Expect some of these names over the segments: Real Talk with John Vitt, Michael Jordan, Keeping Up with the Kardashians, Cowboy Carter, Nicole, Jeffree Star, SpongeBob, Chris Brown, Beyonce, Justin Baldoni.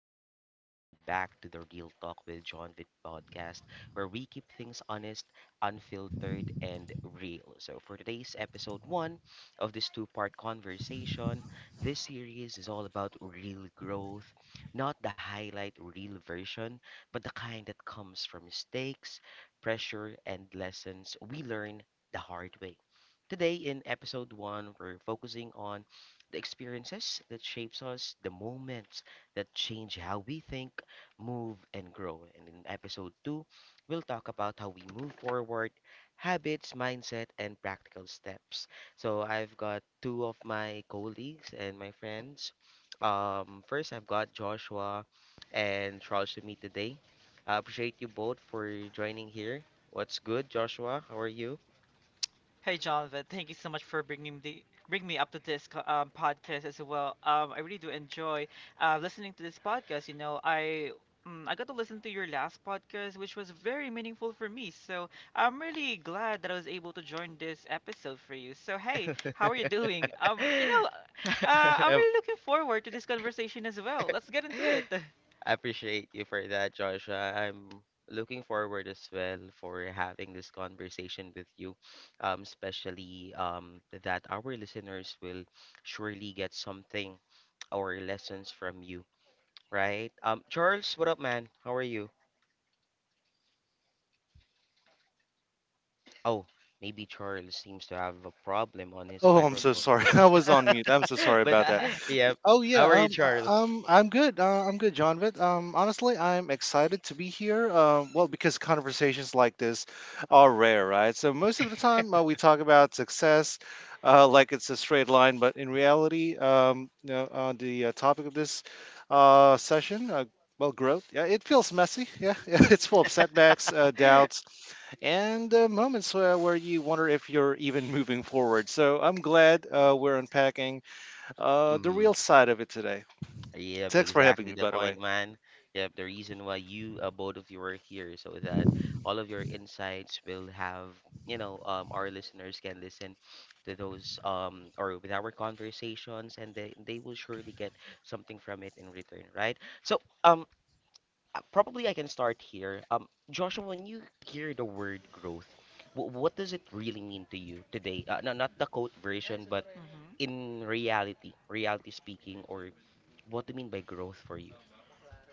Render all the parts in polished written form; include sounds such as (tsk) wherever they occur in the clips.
everyone, and welcome back to the Real Talk with John Vitt podcast, where we keep things honest, unfiltered, and real. So, for today's episode one of this two-part conversation, this series is all about real growth, not the highlight real version, but the kind that comes from mistakes, pressure, and lessons we learn the hard way. Today, in episode one, we're focusing on the experiences that shapes us, the moments that change how we think, move, and grow. And in episode 2, we'll talk about how we move forward, habits, mindset, and practical steps. So I've got two of my colleagues and my friends. First, I've got Joshua and Charles with me today. I appreciate you both for joining here. What's good, Joshua? How are you? Hey Jonathan, thank you so much for bringing the bring me up to this co- podcast as well. I really do enjoy listening to this podcast. I got to listen to your last podcast, which was very meaningful for me. So I'm really glad that I was able to join this episode for you. So hey, how are you doing? I'm really looking forward to this conversation as well. Let's get (laughs) into it. (laughs) (laughs) I appreciate you for that, Joshua. I'm looking forward as well for having this conversation with you, especially that our listeners will surely get something or lessons from you, right? Charles, what up, man? How are you? Oh, maybe Charles seems to have a problem on his Oh, I'm so microphone, Ooh. sorry. (laughs) I was on mute. I'm so (laughs) sorry but about that. (laughs) yeah, Oh how yeah, are you, Charles? I'm good. I'm good, John. Honestly, I'm excited to be here. Because conversations like this are rare, right? So most of the time, we talk about success, like it's a straight line. But in reality, on the topic of this session, growth. Yeah, it feels messy. Yeah, (laughs) yeah, it's full of setbacks, (laughs) doubts, and moments where you wonder if you're even moving forward. So I'm glad we're unpacking the Mhm. real side of it today. Yep, Thanks for having exactly me, the by the way. point, man. Yep, the reason why you, both of you are here, so that all of your insights will have, you know, our listeners can listen to those, or with our conversations, and they will surely get something from it in return, right? Probably I can start here. Joshua, when you hear the word growth, w what does it really mean to you today? No, not the quote version, but Mhm. in reality, reality speaking, or what do you mean by growth for you?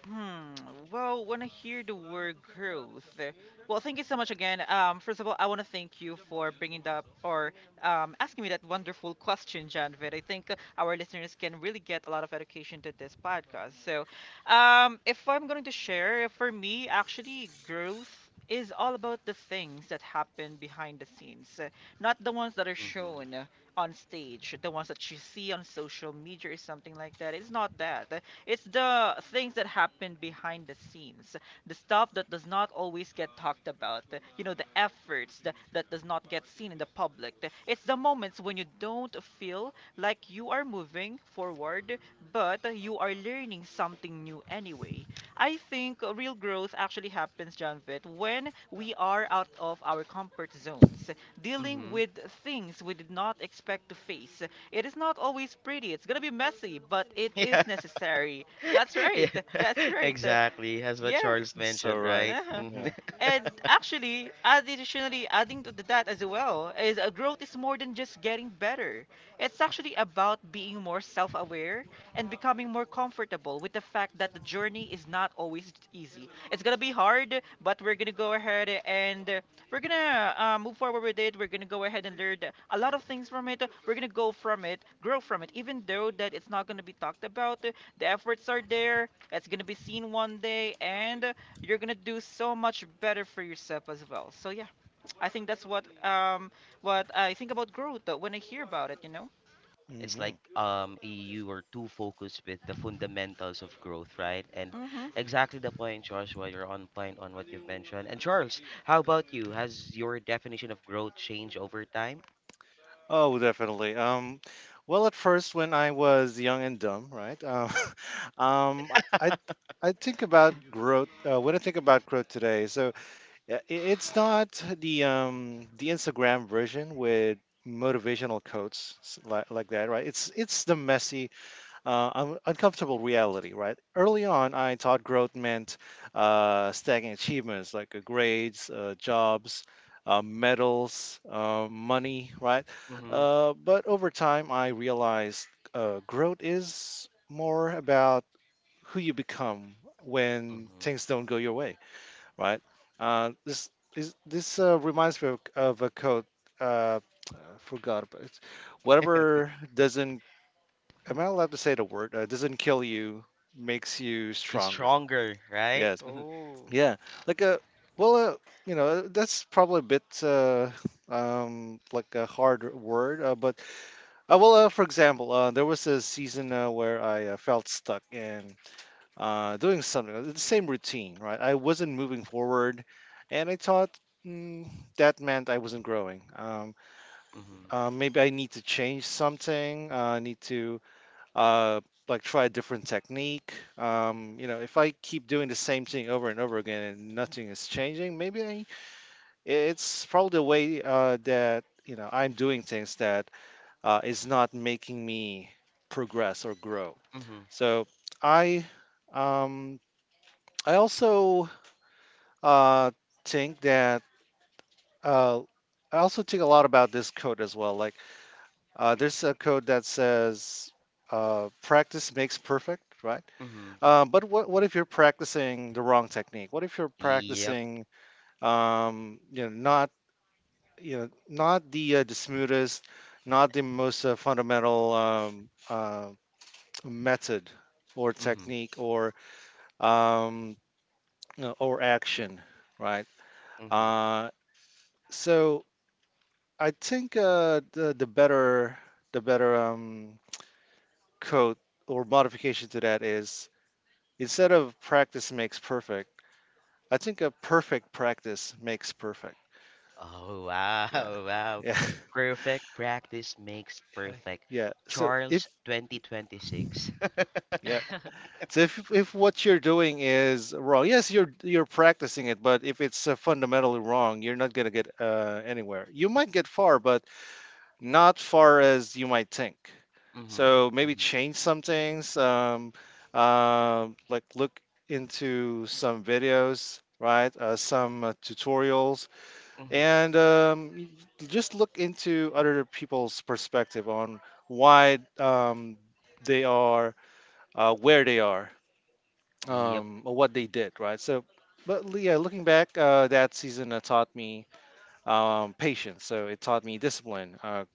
Hmm. Well, when I hear the word growth, well, thank you so much again. First of all, I want to thank you for bringing up or asking me that wonderful question, Janvid. I think our listeners can really get a lot of education to this podcast. So, if I'm going to share, for me, actually, growth is all about the things that happen behind the scenes, not the ones that are shown Mm-hmm. On stage, the ones that you see on social media or something like that. It's not that. It's the things that happen behind the scenes, the stuff that does not always get talked about, the efforts that does not get seen in the public. It's the moments when you don't feel like you are moving forward, but you are learning something new anyway. I think real growth actually happens, Janvit, when we are out of our comfort zones, dealing Mm-hmm. (laughs) with things we did not expect to face. It is not always pretty. It's gonna be messy, but it Yeah. is necessary. (laughs) That's Yeah. right. (laughs) That's (laughs) right. Exactly. As what Yeah. Charles So mentioned, right, right? Uh-huh. Hmm. yeah. (laughs) And actually, additionally, adding to that as well is growth is more than just getting better. It's actually about being more self-aware and becoming more comfortable with the fact that the journey is not always easy. It's gonna be hard, but we're gonna go ahead and we're gonna move forward with it. We're gonna go ahead and learn a lot of things from it. We're gonna go from it, grow from it, even though that it's not gonna be talked about. The efforts are there. It's gonna be seen one day, and you're gonna do so much better for yourself as well. So yeah, I think that's what I think about growth when I hear about it. You know. It's like hmm you were too focused with the fundamentals of growth, right? And Mhm. exactly the point, Joshua, you're on point on what you've mentioned. And Charles, how about you? Has your definition of growth changed over time? Oh, definitely. Well, at first, when I was young and dumb, right? (laughs) Um, I (laughs) I think about growth when I think about growth today. So yeah, it's not the the Instagram version with motivational quotes like that, right? It's the messy uncomfortable reality, right? Early on, I thought growth meant stacking achievements like grades, jobs, medals, money, right? Mm-hmm. But over time, I realized growth is more about who you become when Mm-hmm. things don't go your way, right? Uh, this this reminds me of a quote. Uh, I forgot about it. Whatever doesn't— am I allowed to say the word? Doesn't kill you, makes you (laughs) You're stronger. stronger, right? Yes. Oh. Yeah. Like a— well, uh, that's probably a bit like a hard word, but for example, there was a season where I felt stuck in doing something, the same routine, right? I wasn't moving forward, and I thought— mm, that meant I wasn't growing. Mm-hmm. Maybe I need to change something. I need to uh, like try a different technique. You know, if I keep doing the same thing over and over again and nothing is changing, it's probably the way that I'm doing things that is not making me progress or grow. Mm-hmm. So I um, I also uh, think that uh, I also think a lot about this code as well. Like there's a code that says practice makes perfect, right? Mm-hmm. But what if you're practicing the wrong technique? What if you're Yep. practicing um, you know not you know not the the smoothest, not the most fundamental method or Mhm. technique or um, or action, right? Mhm. Uh, so I think the better the better um, code or modification to that is, instead of practice makes perfect, I think a perfect practice makes perfect. Oh wow, Yeah. (laughs) wow. Yeah. (laughs) Perfect practice makes Okay. perfect. Yeah. So if Charles 2026. yeah. So if what you're doing is wrong, yes, you're practicing it, but if it's fundamentally wrong, you're not gonna get anywhere. You might get far, but not far as you might think. Mhm. So maybe Mhm. change some things. Like look into some videos, right? Some tutorials Mhm. (laughs) and just look into other people's perspective on why they are where they are, Yep. Or what they did, right? So, yeah, looking back, that season taught me patience. So it taught me discipline.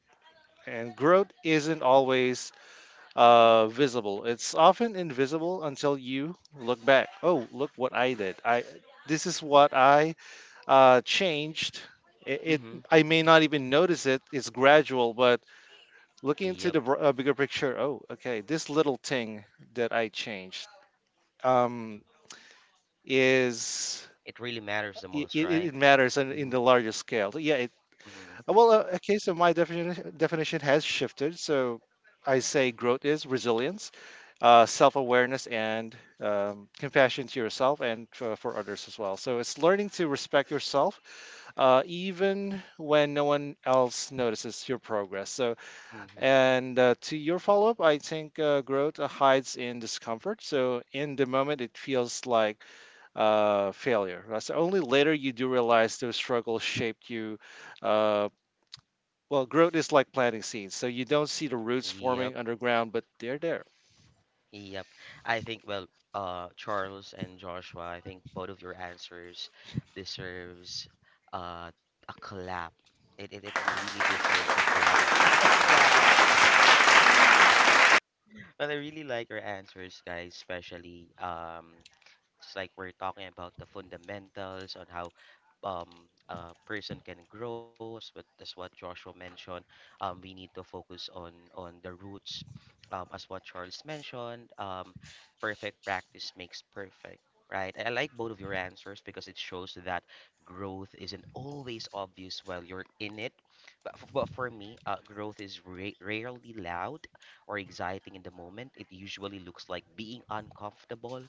And growth isn't always visible. It's often invisible until you look back. Oh, look what I did! I this is what I changed. It Mhm. I may not even notice it. It's gradual, but looking into Yep. the bigger picture, oh, okay, this little thing that I changed um, is It really matters the it, most, right? it matters in Mhm. the larger scale. Yeah. Mhm. Well, okay, so my definition has shifted. So I say growth is resilience, self awareness, and compassion to yourself and for others as well. So it's learning to respect yourself, even when no one else notices your progress. So, Mhm. and to your follow up, I think growth hides in discomfort. So in the moment, it feels like failure. That's only later you do realize those struggles shaped you. Uh, well, growth is like planting seeds, so you don't see the roots Yep. forming underground, but they're there. Yep. I think well, Charles and Joshua, I think both of your answers deserves uh a clap. It really deserves a clap. Wow. But I really like your answers, guys, especially it's like we're talking about the fundamentals on how a person can grow, as what Joshua mentioned. We need to focus on the roots, as what Charles mentioned. Perfect practice makes perfect, right? I like both of your answers because it shows that growth isn't always obvious while you're in it. But for me, growth is rarely loud or exciting in the moment. It usually looks like being uncomfortable,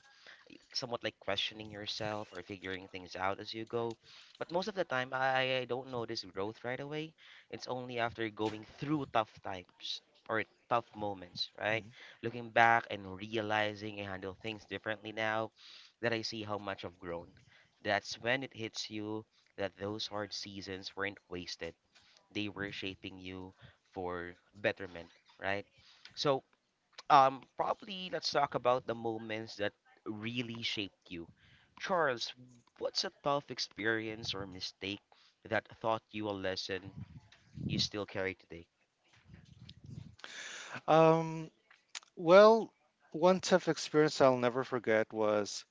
somewhat like questioning yourself or figuring things out as you go. But most of the time, I don't notice growth right away. It's only after going through tough times or tough moments, right? Mhm. Looking back and realizing I handle things differently now, that I see how much I've grown. That's when it hits you that those hard seasons weren't wasted. They were shaping you for betterment, right? So, probably let's talk about the moments that really shaped you. Charles, what's a tough experience or mistake that taught you a lesson you still carry today? Um, well, one tough experience I'll never forget was—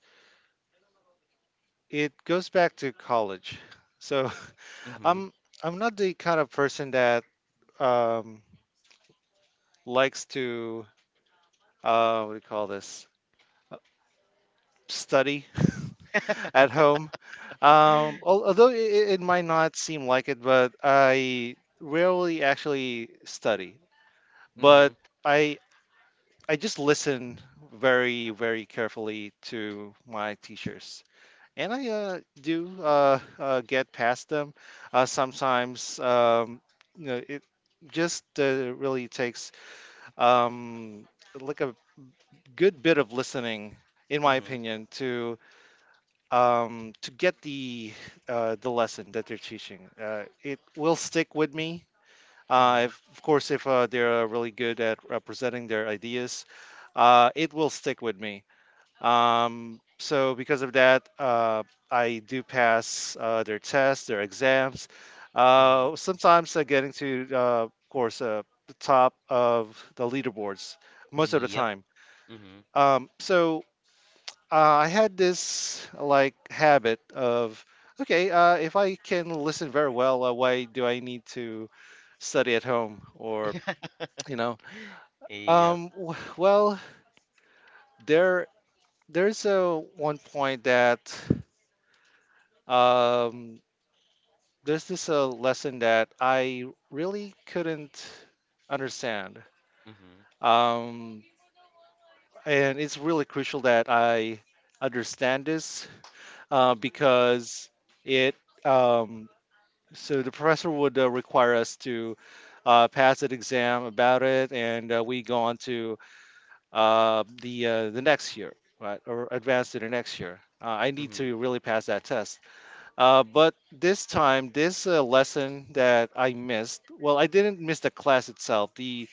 it goes back to college. So (laughs) Mm-hmm. I'm I'm not the kind of person that um, likes to— what do you call this? Uh, Study (laughs) at home. Although it might not seem like it, but I rarely actually study. Mm-hmm. But I I just listen very, very carefully to my teachers. And I do get past them. Sometimes, you know, it just really takes um, like a good bit of listening, in my Mm-hmm. opinion, to get the lesson that they're teaching. It will stick with me. Mm-hmm. If, of course, if they're really good at representing their ideas, it will stick with me. So because of that, I do pass their tests, their exams. Mm-hmm. Sometimes I get into, of course, the top of the leaderboards most of the Yep. time. Mm-hmm. Um, so I had this like habit of, okay, if I can listen very well, why do I need to study at home or, (laughs) you know? Yep. Well, there there's a one point that um, there's this a lesson that I really couldn't understand. Mm-hmm. Um, and it's really crucial that I understand this, uh, because it, um, so the professor would require us to pass an exam about it, and we go on to the next year, right, or advance to the next year. I need Mm-hmm. to really pass that test. But this time, this lesson that I missed— well, I didn't miss the class itself.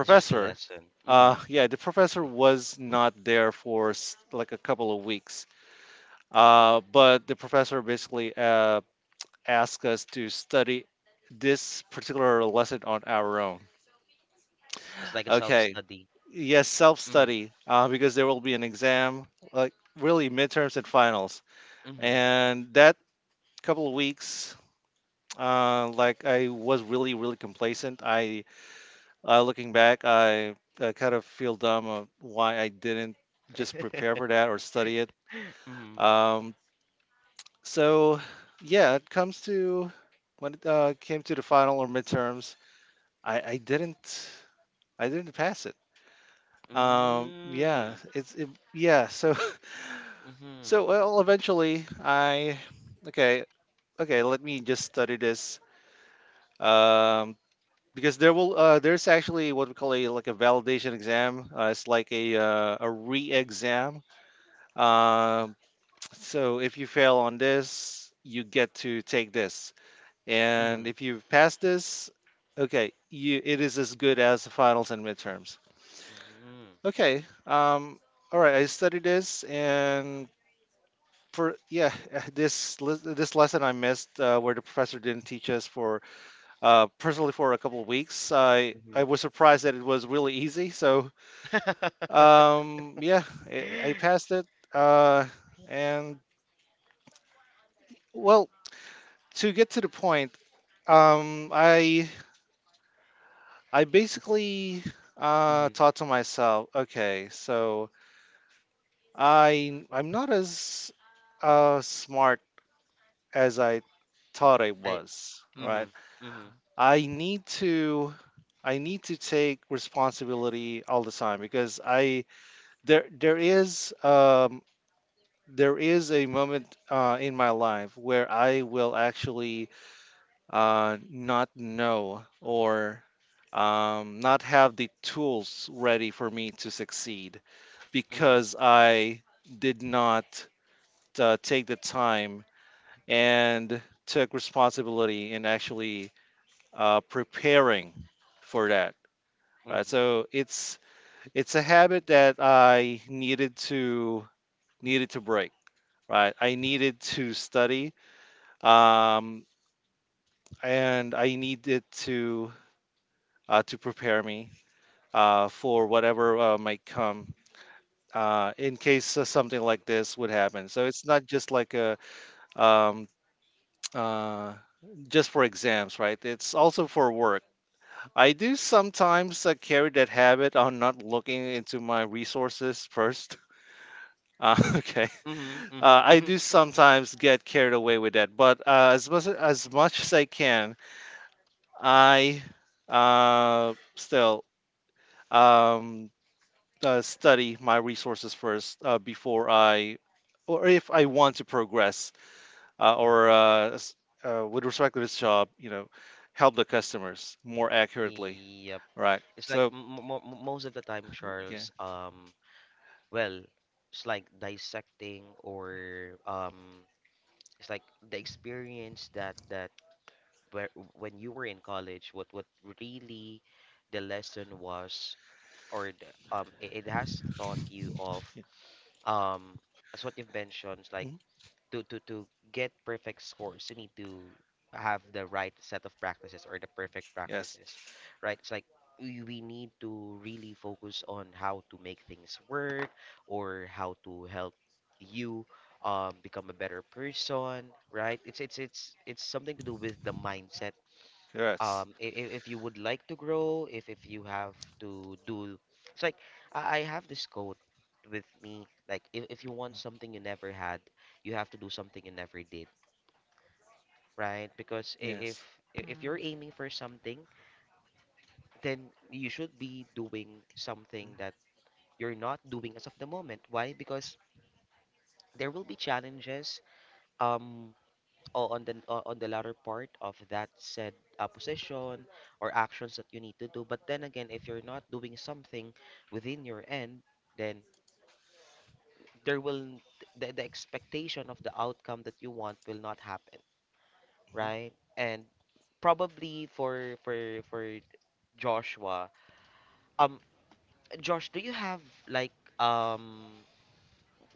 It's just the lesson. Mm-hmm. Yeah, the professor Mm. was not there for like a couple of weeks. But the professor basically asked us to study this particular lesson on our own. It's like a Okay. self-study. Yes, Mm-hmm. self-study, because there will be an exam, like really midterms and finals. Mm-hmm. And that couple of weeks like I was really, really complacent. Looking back, uh, kind of feel dumb of why I didn't just prepare for that or study it. (laughs) Mm-hmm. Um, so yeah, it comes to— when it came to the final or midterms, I, I didn't, I didn't pass it. Um, yeah, Mm-hmm. it's it, yeah. So (laughs) Mm-hmm. so well, eventually okay, okay. Let me just study this. Um, because there will— there's actually what we call a like a validation exam. It's like a— a re-exam. Um, so if you fail on this, you get to take this, and if you pass this, okay, you— it is as good as the finals and midterms. Mm-hmm. Okay, all right, I studied this. For yeah, (laughs) this this lesson I missed where the professor didn't teach us for personally for a couple of weeks. I Mm-hmm. was surprised that it was really easy. So yeah, I (laughs) passed it. Uh, and well, to get to the point, um, I I basically Mm-hmm. thought to myself, okay, so I'm not as smart as I thought I I. was. Right? Mm-hmm. Mm-hmm. I need to I need to take responsibility all the time, because I there there is a moment in my life where I will actually not know, or not have the tools ready for me to succeed, Mm-hmm. because I did not take the time and took responsibility in actually preparing for that. Right, Mm-hmm. so it's— a habit that I needed to needed to break, right? I needed to study, um, and I needed to prepare me for whatever might come in case something like this would happen. So it's not just like a um, (tsk) uh, just for exams, right? It's also for work. I do sometimes carry that habit on not looking into my resources first. (laughs) Okay, Mm-hmm. Mm-hmm. I Mm-hmm. do sometimes get carried away with that, but as much as much as I can, I still um, study my resources first or if I want to progress uh, or uh, s- with respect to this job, you know, help the customers more accurately. Yep. Right. It's like So most of the time, yeah. Charles. Well, it's like dissecting or. It's like the experience that where when you were in college, what really the lesson was, or the, it, it has taught you of Yeah. um as what you've mentioned, like Mhm. to get perfect scores, you need to have the right set of practices or the perfect Yes. practices, right? It's like we need to really focus on how to make things work or how to help you become a better person, right? It's something to do with the mindset, Yes. If you would like to grow, if you have to do, it's like I have this quote with me, like if you want something you never had, you have to do something you never did, right? Because i- if Yes. i- if you're Mm. aiming for something, then you should be doing something that you're not doing as of the moment. Why? Because there will be challenges, um on the latter part of that said position or actions that you need to do. But then again, if you're not doing something within your end, then there will the expectation of the outcome that you want will not happen, Mhm. right? And probably for Joshua. Um, Josh, do you have like um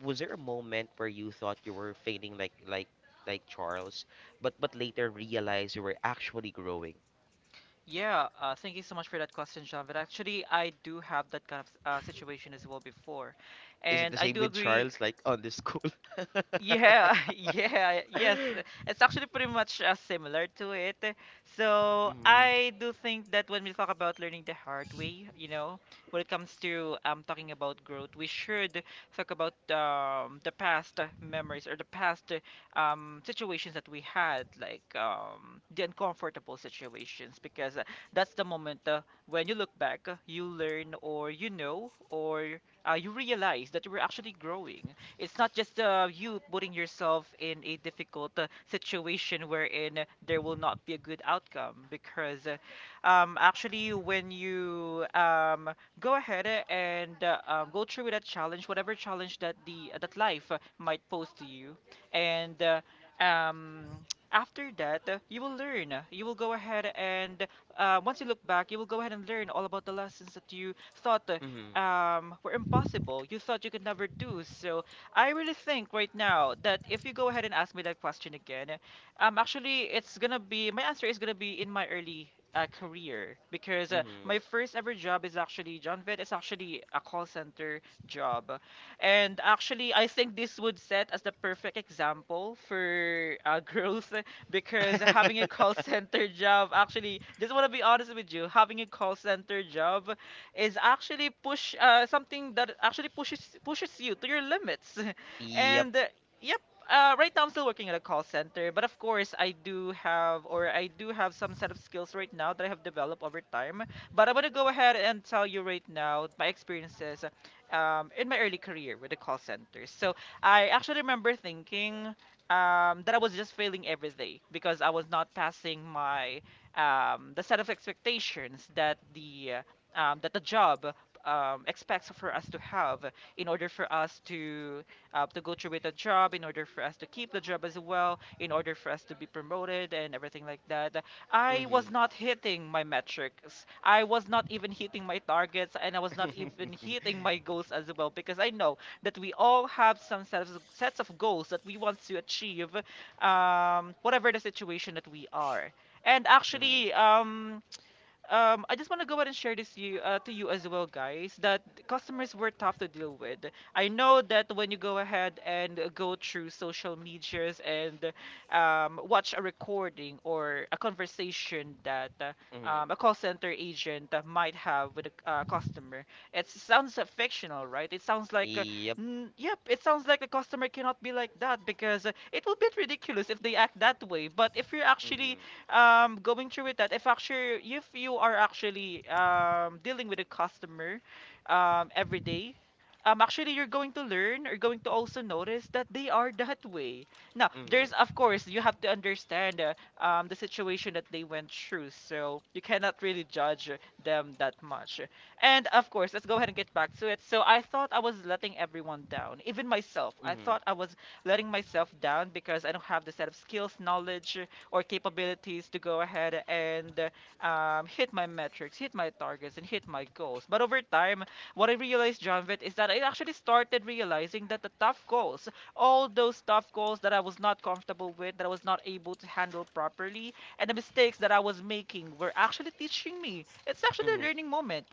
was there a moment where you thought you were failing like Charles, but later realized you were actually growing? Yeah, thank you so much for that question, John. But actually, I do have that kind of situation as well before, Is it the and I same do with agree Charles, like on the school? (laughs) yeah, (laughs) yeah, yes. It's actually pretty much similar to it. So Mm-hmm. I do think that when we talk about learning the hard way, you know, when it comes to talking about growth, we should talk about the past memories or the past situations that we had, like the uncomfortable situations, because that's the moment when you look back, you learn or you know or you realize that you were actually growing. It's not just you putting yourself in a difficult situation wherein there will not be a good outcome because actually when you go ahead and go through with that challenge, whatever challenge that the that life might pose to you, and um, after that you will learn. You will go ahead and once you look back, you will go ahead and learn all about the lessons that you thought Mm-hmm. Were impossible. You thought you could never do. So I really think right now that if you go ahead and ask me that question again, actually, it's gonna be my answer is gonna be in my early career because Mm-hmm. my first ever job is actually John Vet, is actually a call center job, and actually, I think this would set as the perfect example for (laughs) growth because having a call (laughs) center job actually, just want to be honest with you, having a call center job is actually push something that actually pushes you to your limits. (laughs) (laughs) Yep. And yep, right now I'm still working at a call center, but of course I do have or I do have some set of skills right now that I have developed over time. But I'm gonna go ahead and tell you right now my experiences in my early career with the call center. So I actually remember thinking. That I was just failing every day because I was not passing my the set of expectations that the job expects for us to have in order for us to go through with the job, in order for us to keep the job as well, in order for us to be promoted and everything like that. I Mm-hmm. was not hitting my metrics. I was not even hitting my targets, and I was not even (laughs) hitting my goals as well because I know that we all have some sets of goals that we want to achieve, whatever the situation that we are. And actually, Mm-hmm. I just want to go ahead and share this you to you as well, guys, that customers were tough to deal with. I know that when you go ahead and go through social medias and watch a recording or a conversation that a Mm-hmm. call center agent might have with a customer, it sounds fictional, right? It sounds like, Yep. n yep, it sounds like a customer cannot be like that because it will be ridiculous if they act that way. But if you're actually Mm-hmm. Going through with that, if actually if you are actually dealing with a customer every day, actually you're going to learn or going to also notice that they are that way. Now, Mm-hmm. Mm-hmm. there's of course you have to understand the situation that they went through, so you cannot really judge them that much. And of course, let's go ahead and get back to it. So I thought I was letting everyone down, even myself. I Mm-hmm. thought I was letting myself down because I don't have the set of skills, knowledge, or capabilities to go ahead and hit my metrics, hit my targets, and hit my goals. But over time, what I realized, Jonvet, is that I actually started realizing that the tough goals, all those tough goals that I was not comfortable with, that I was not able to handle properly, and the mistakes that I was making were actually teaching me. It's actually a learning moment.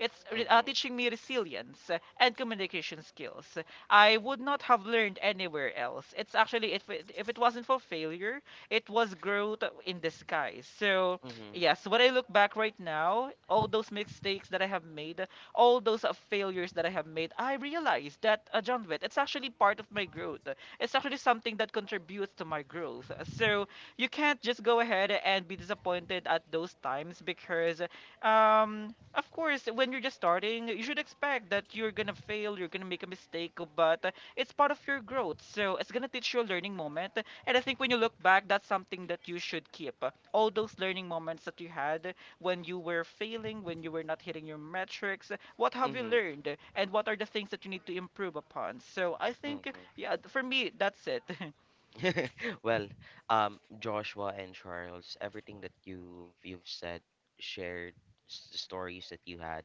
It's Mm-hmm. Mm-hmm. teaching me resilience and communication skills. I would not have learned anywhere else. It's actually if it wasn't for failure, it was growth in disguise. So, Mhm. yes, when I look back right now, all those mistakes that I have made, all those failures that I have made, I realize that John Witt, it's actually part of my growth. It's actually something that contributes to my growth. So, you can't just go ahead and be disappointed at those times because of course, when you're just starting, you should expect that you're gonna fail, you're gonna make a mistake, but it's part of your growth. So it's gonna teach you a learning moment. And I think when you look back, that's something that you should keep. All those learning moments that you had when you were failing, when you were not hitting your metrics, what have you Mhm. learned? And what are the things that you need to improve upon? So I think, Mhm. yeah, for me, that's it. (laughs) (laughs) Well, Joshua and Charles, everything that you've said, shared, s- the stories that you had,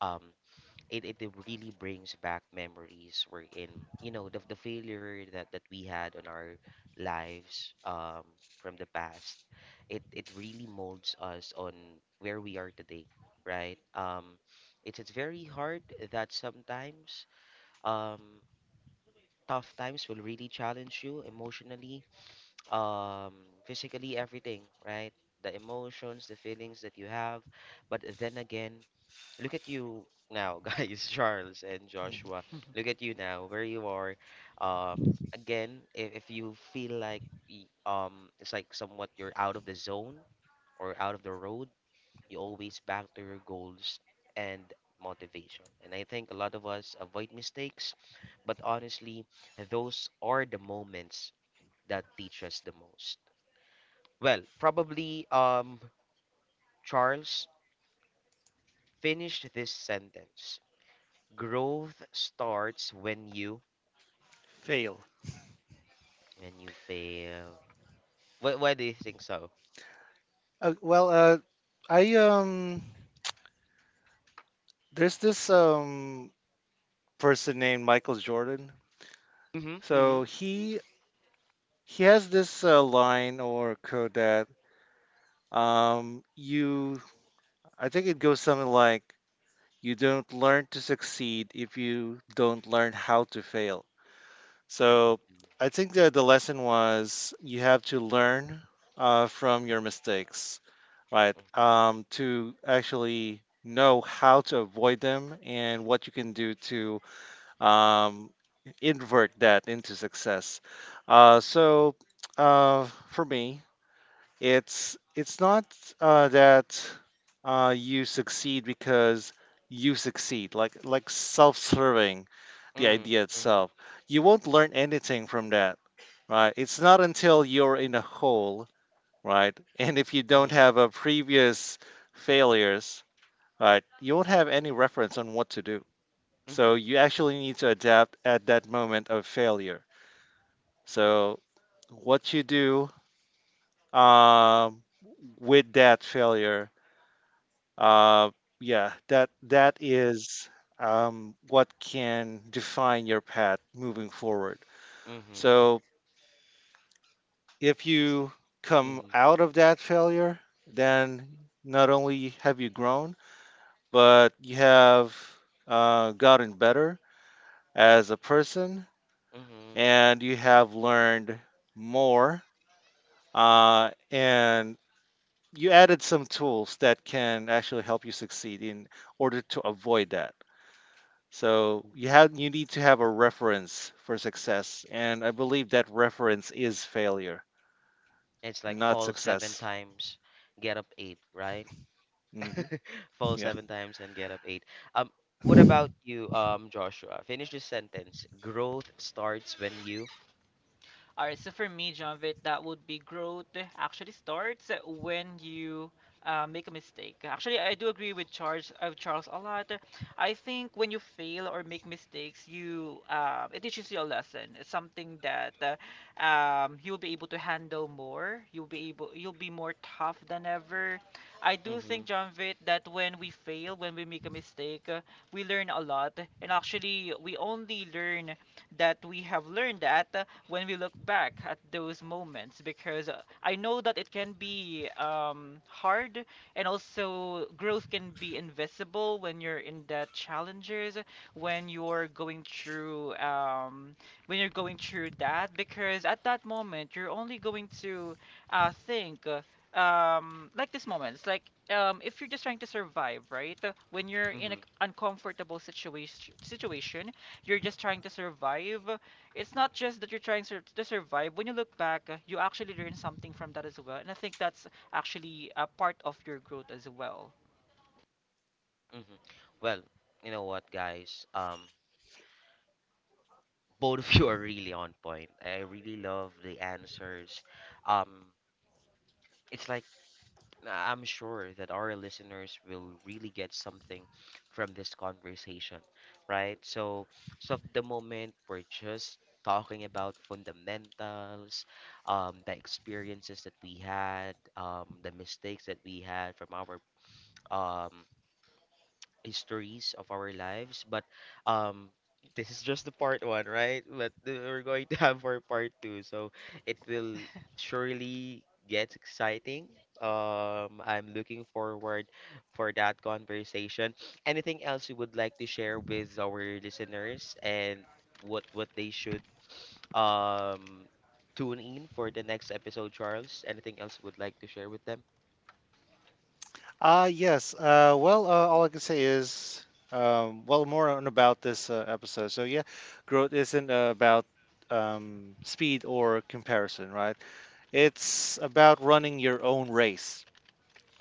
um, it, it it really brings back memories wherein, you know, the failure that we had on our lives, from the past, it really molds us on where we are today, right? It's very hard that sometimes. Um, tough times will really challenge you emotionally, um, physically, everything, right? The emotions, the feelings that you have. But then again, look at you now, (laughs) guys, Charles and Mhm. Joshua. Look at you now, where you are. Um, again, if you feel like it's like somewhat you're out of the zone or out of the road, you always back to your goals and motivation. And I think a lot of us avoid mistakes, but honestly, those are the moments that teach us the most. Well, probably Charles, finished this sentence. Growth starts when you, Fail. when you fail. Why do you think so? Well, I There's this person named Michael Jordan. Mhm. So Mhm. He has this line or quote that you I think it goes something like, you don't learn to succeed if you don't learn how to fail. so Mhm, I think that the lesson was, you have to learn from your mistakes, right, to actually know how to avoid them and what you can do to um, invert that into success. uh, so uh, for me, it's— not that you succeed because you succeed, like self-serving, the mhm, idea mhm, itself. You won't learn anything from that, right? It's not until you're in a hole, right? (laughs) And if you don't mhm, have a previous failures, right, you won't have any reference on what to do. So mhm, you actually need to adapt at that moment of failure. So what you do um, with that failure— Uh, yeah, that that is what can define your path moving forward. mhm. So if It's the- you come mhm, out of that failure, then not only have you grown, but you have gotten better as a person, mhm, and you have learned more, and you added some tools that can actually help you succeed in order to avoid that. So you mhm. have— you need to have a reference for success, and I believe that reference is failure, It's like not fall seven success. times, get up eight, right? hmm (laughs) Fall Yeah. seven times and get up eight. Um, what about you, Joshua? Finish this sentence. Growth starts when you. All right, so for me, Jonvit, that would be growth actually starts when you make a mistake. Actually, I do agree with Charles a lot. I think when you fail or make mistakes, you it teaches you a lesson. It's something that you'll be able to handle more. You'll be more tough than ever. I do Mm-hmm. think, Jonvit, that when we fail, when we make a mistake, we learn a lot, and actually, we only learn that we have learned that when we look back at those moments because I know that it can be hard and also growth can be invisible when you're in the challenges when you're going through um, when you're going through that because at that moment you're only going to think like this moment it's like if you're just trying to survive right. When you're in an Mm-hmm. uncomfortable situation you're just trying to survive. It's not just that you're trying to survive. When you look back, you actually learn something from that as well. And I think that's actually a part of your growth as well. Mm-hmm. Well, you know what, guys? Both of you are really on point. I really love the answers. Um, it's like I'm sure that our listeners will really get something from this conversation, right? So, so of the moment, we're just talking about fundamentals, the experiences that we had, the mistakes that we had from our um, histories of our lives. But um, this is just the part one, right? We're going to have our part two, so it will surely get exciting. I'm looking forward for that conversation. Anything else you would like to share with our listeners and what they should um tune in for the next episode, Charles? Anything else you would like to share with them? Yes. Well, all I can say is, more on about this episode. So yeah, growth isn't about speed or comparison, right? It's about running your own race,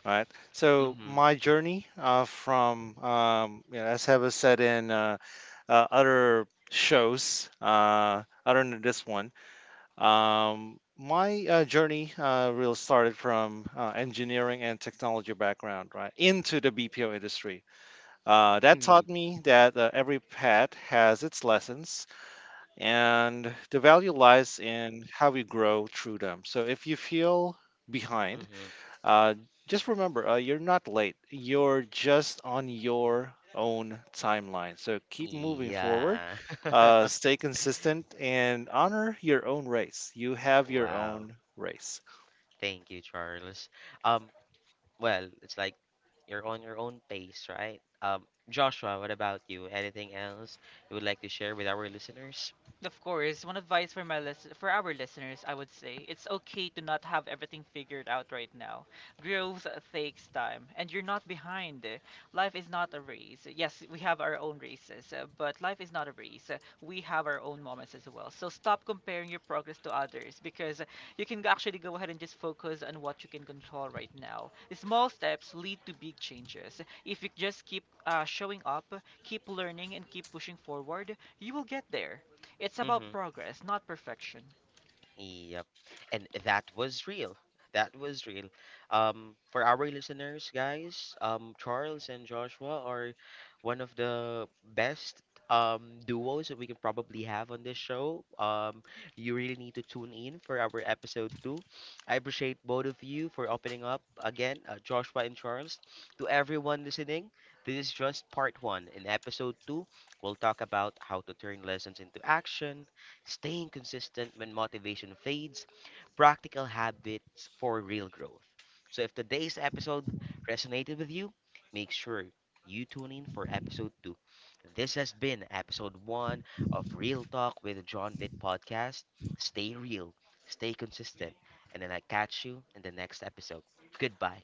right? So Mm-hmm. my journey from, you know, as Heva said in. Other shows other than this one. My journey really started from engineering and technology background, right, into the BPO industry. That Mm-hmm. taught me that every path has its lessons, and the value lies in how we grow through them. So if you feel behind, Mm-hmm. uh, just remember, you're not late. You're just on your own timeline. So keep moving forward, Yeah. (laughs) Stay consistent, and honor your own race. You have your Wow. own race. Thank you, Charles. Um, well, it's like you're on your own pace, right? Joshua, what about you? Anything else you would like to share with our listeners? Of course, one advice for my list for our listeners, I would say, it's okay to not have everything figured out right now. Growth takes time, and you're not behind. Life is not a race. Yes, we have our own races, but life is not a race. We have our own moments as well. So stop comparing your progress to others because you can actually go ahead and just focus on what you can control right now. Small steps lead to big changes. If you just keep showing up, keep learning, and keep pushing forward, you will get there. It's about Mm-hmm. progress, not perfection. Yep. And that was real. That was real. For our listeners, guys, Charles and Joshua are one of the best duos that we can probably have on this show. You really need to tune in for our episode two. I appreciate both of you for opening up again, Joshua and Charles. To everyone listening, this is just part one. In episode two, we'll talk about how to turn lessons into action, staying consistent when motivation fades, practical habits for real growth. So if today's episode resonated with you, make sure you tune in for episode 2. This has been episode 1 of Real Talk with John Vitt podcast. Stay real, stay consistent, and then I catch you in the next episode. Goodbye.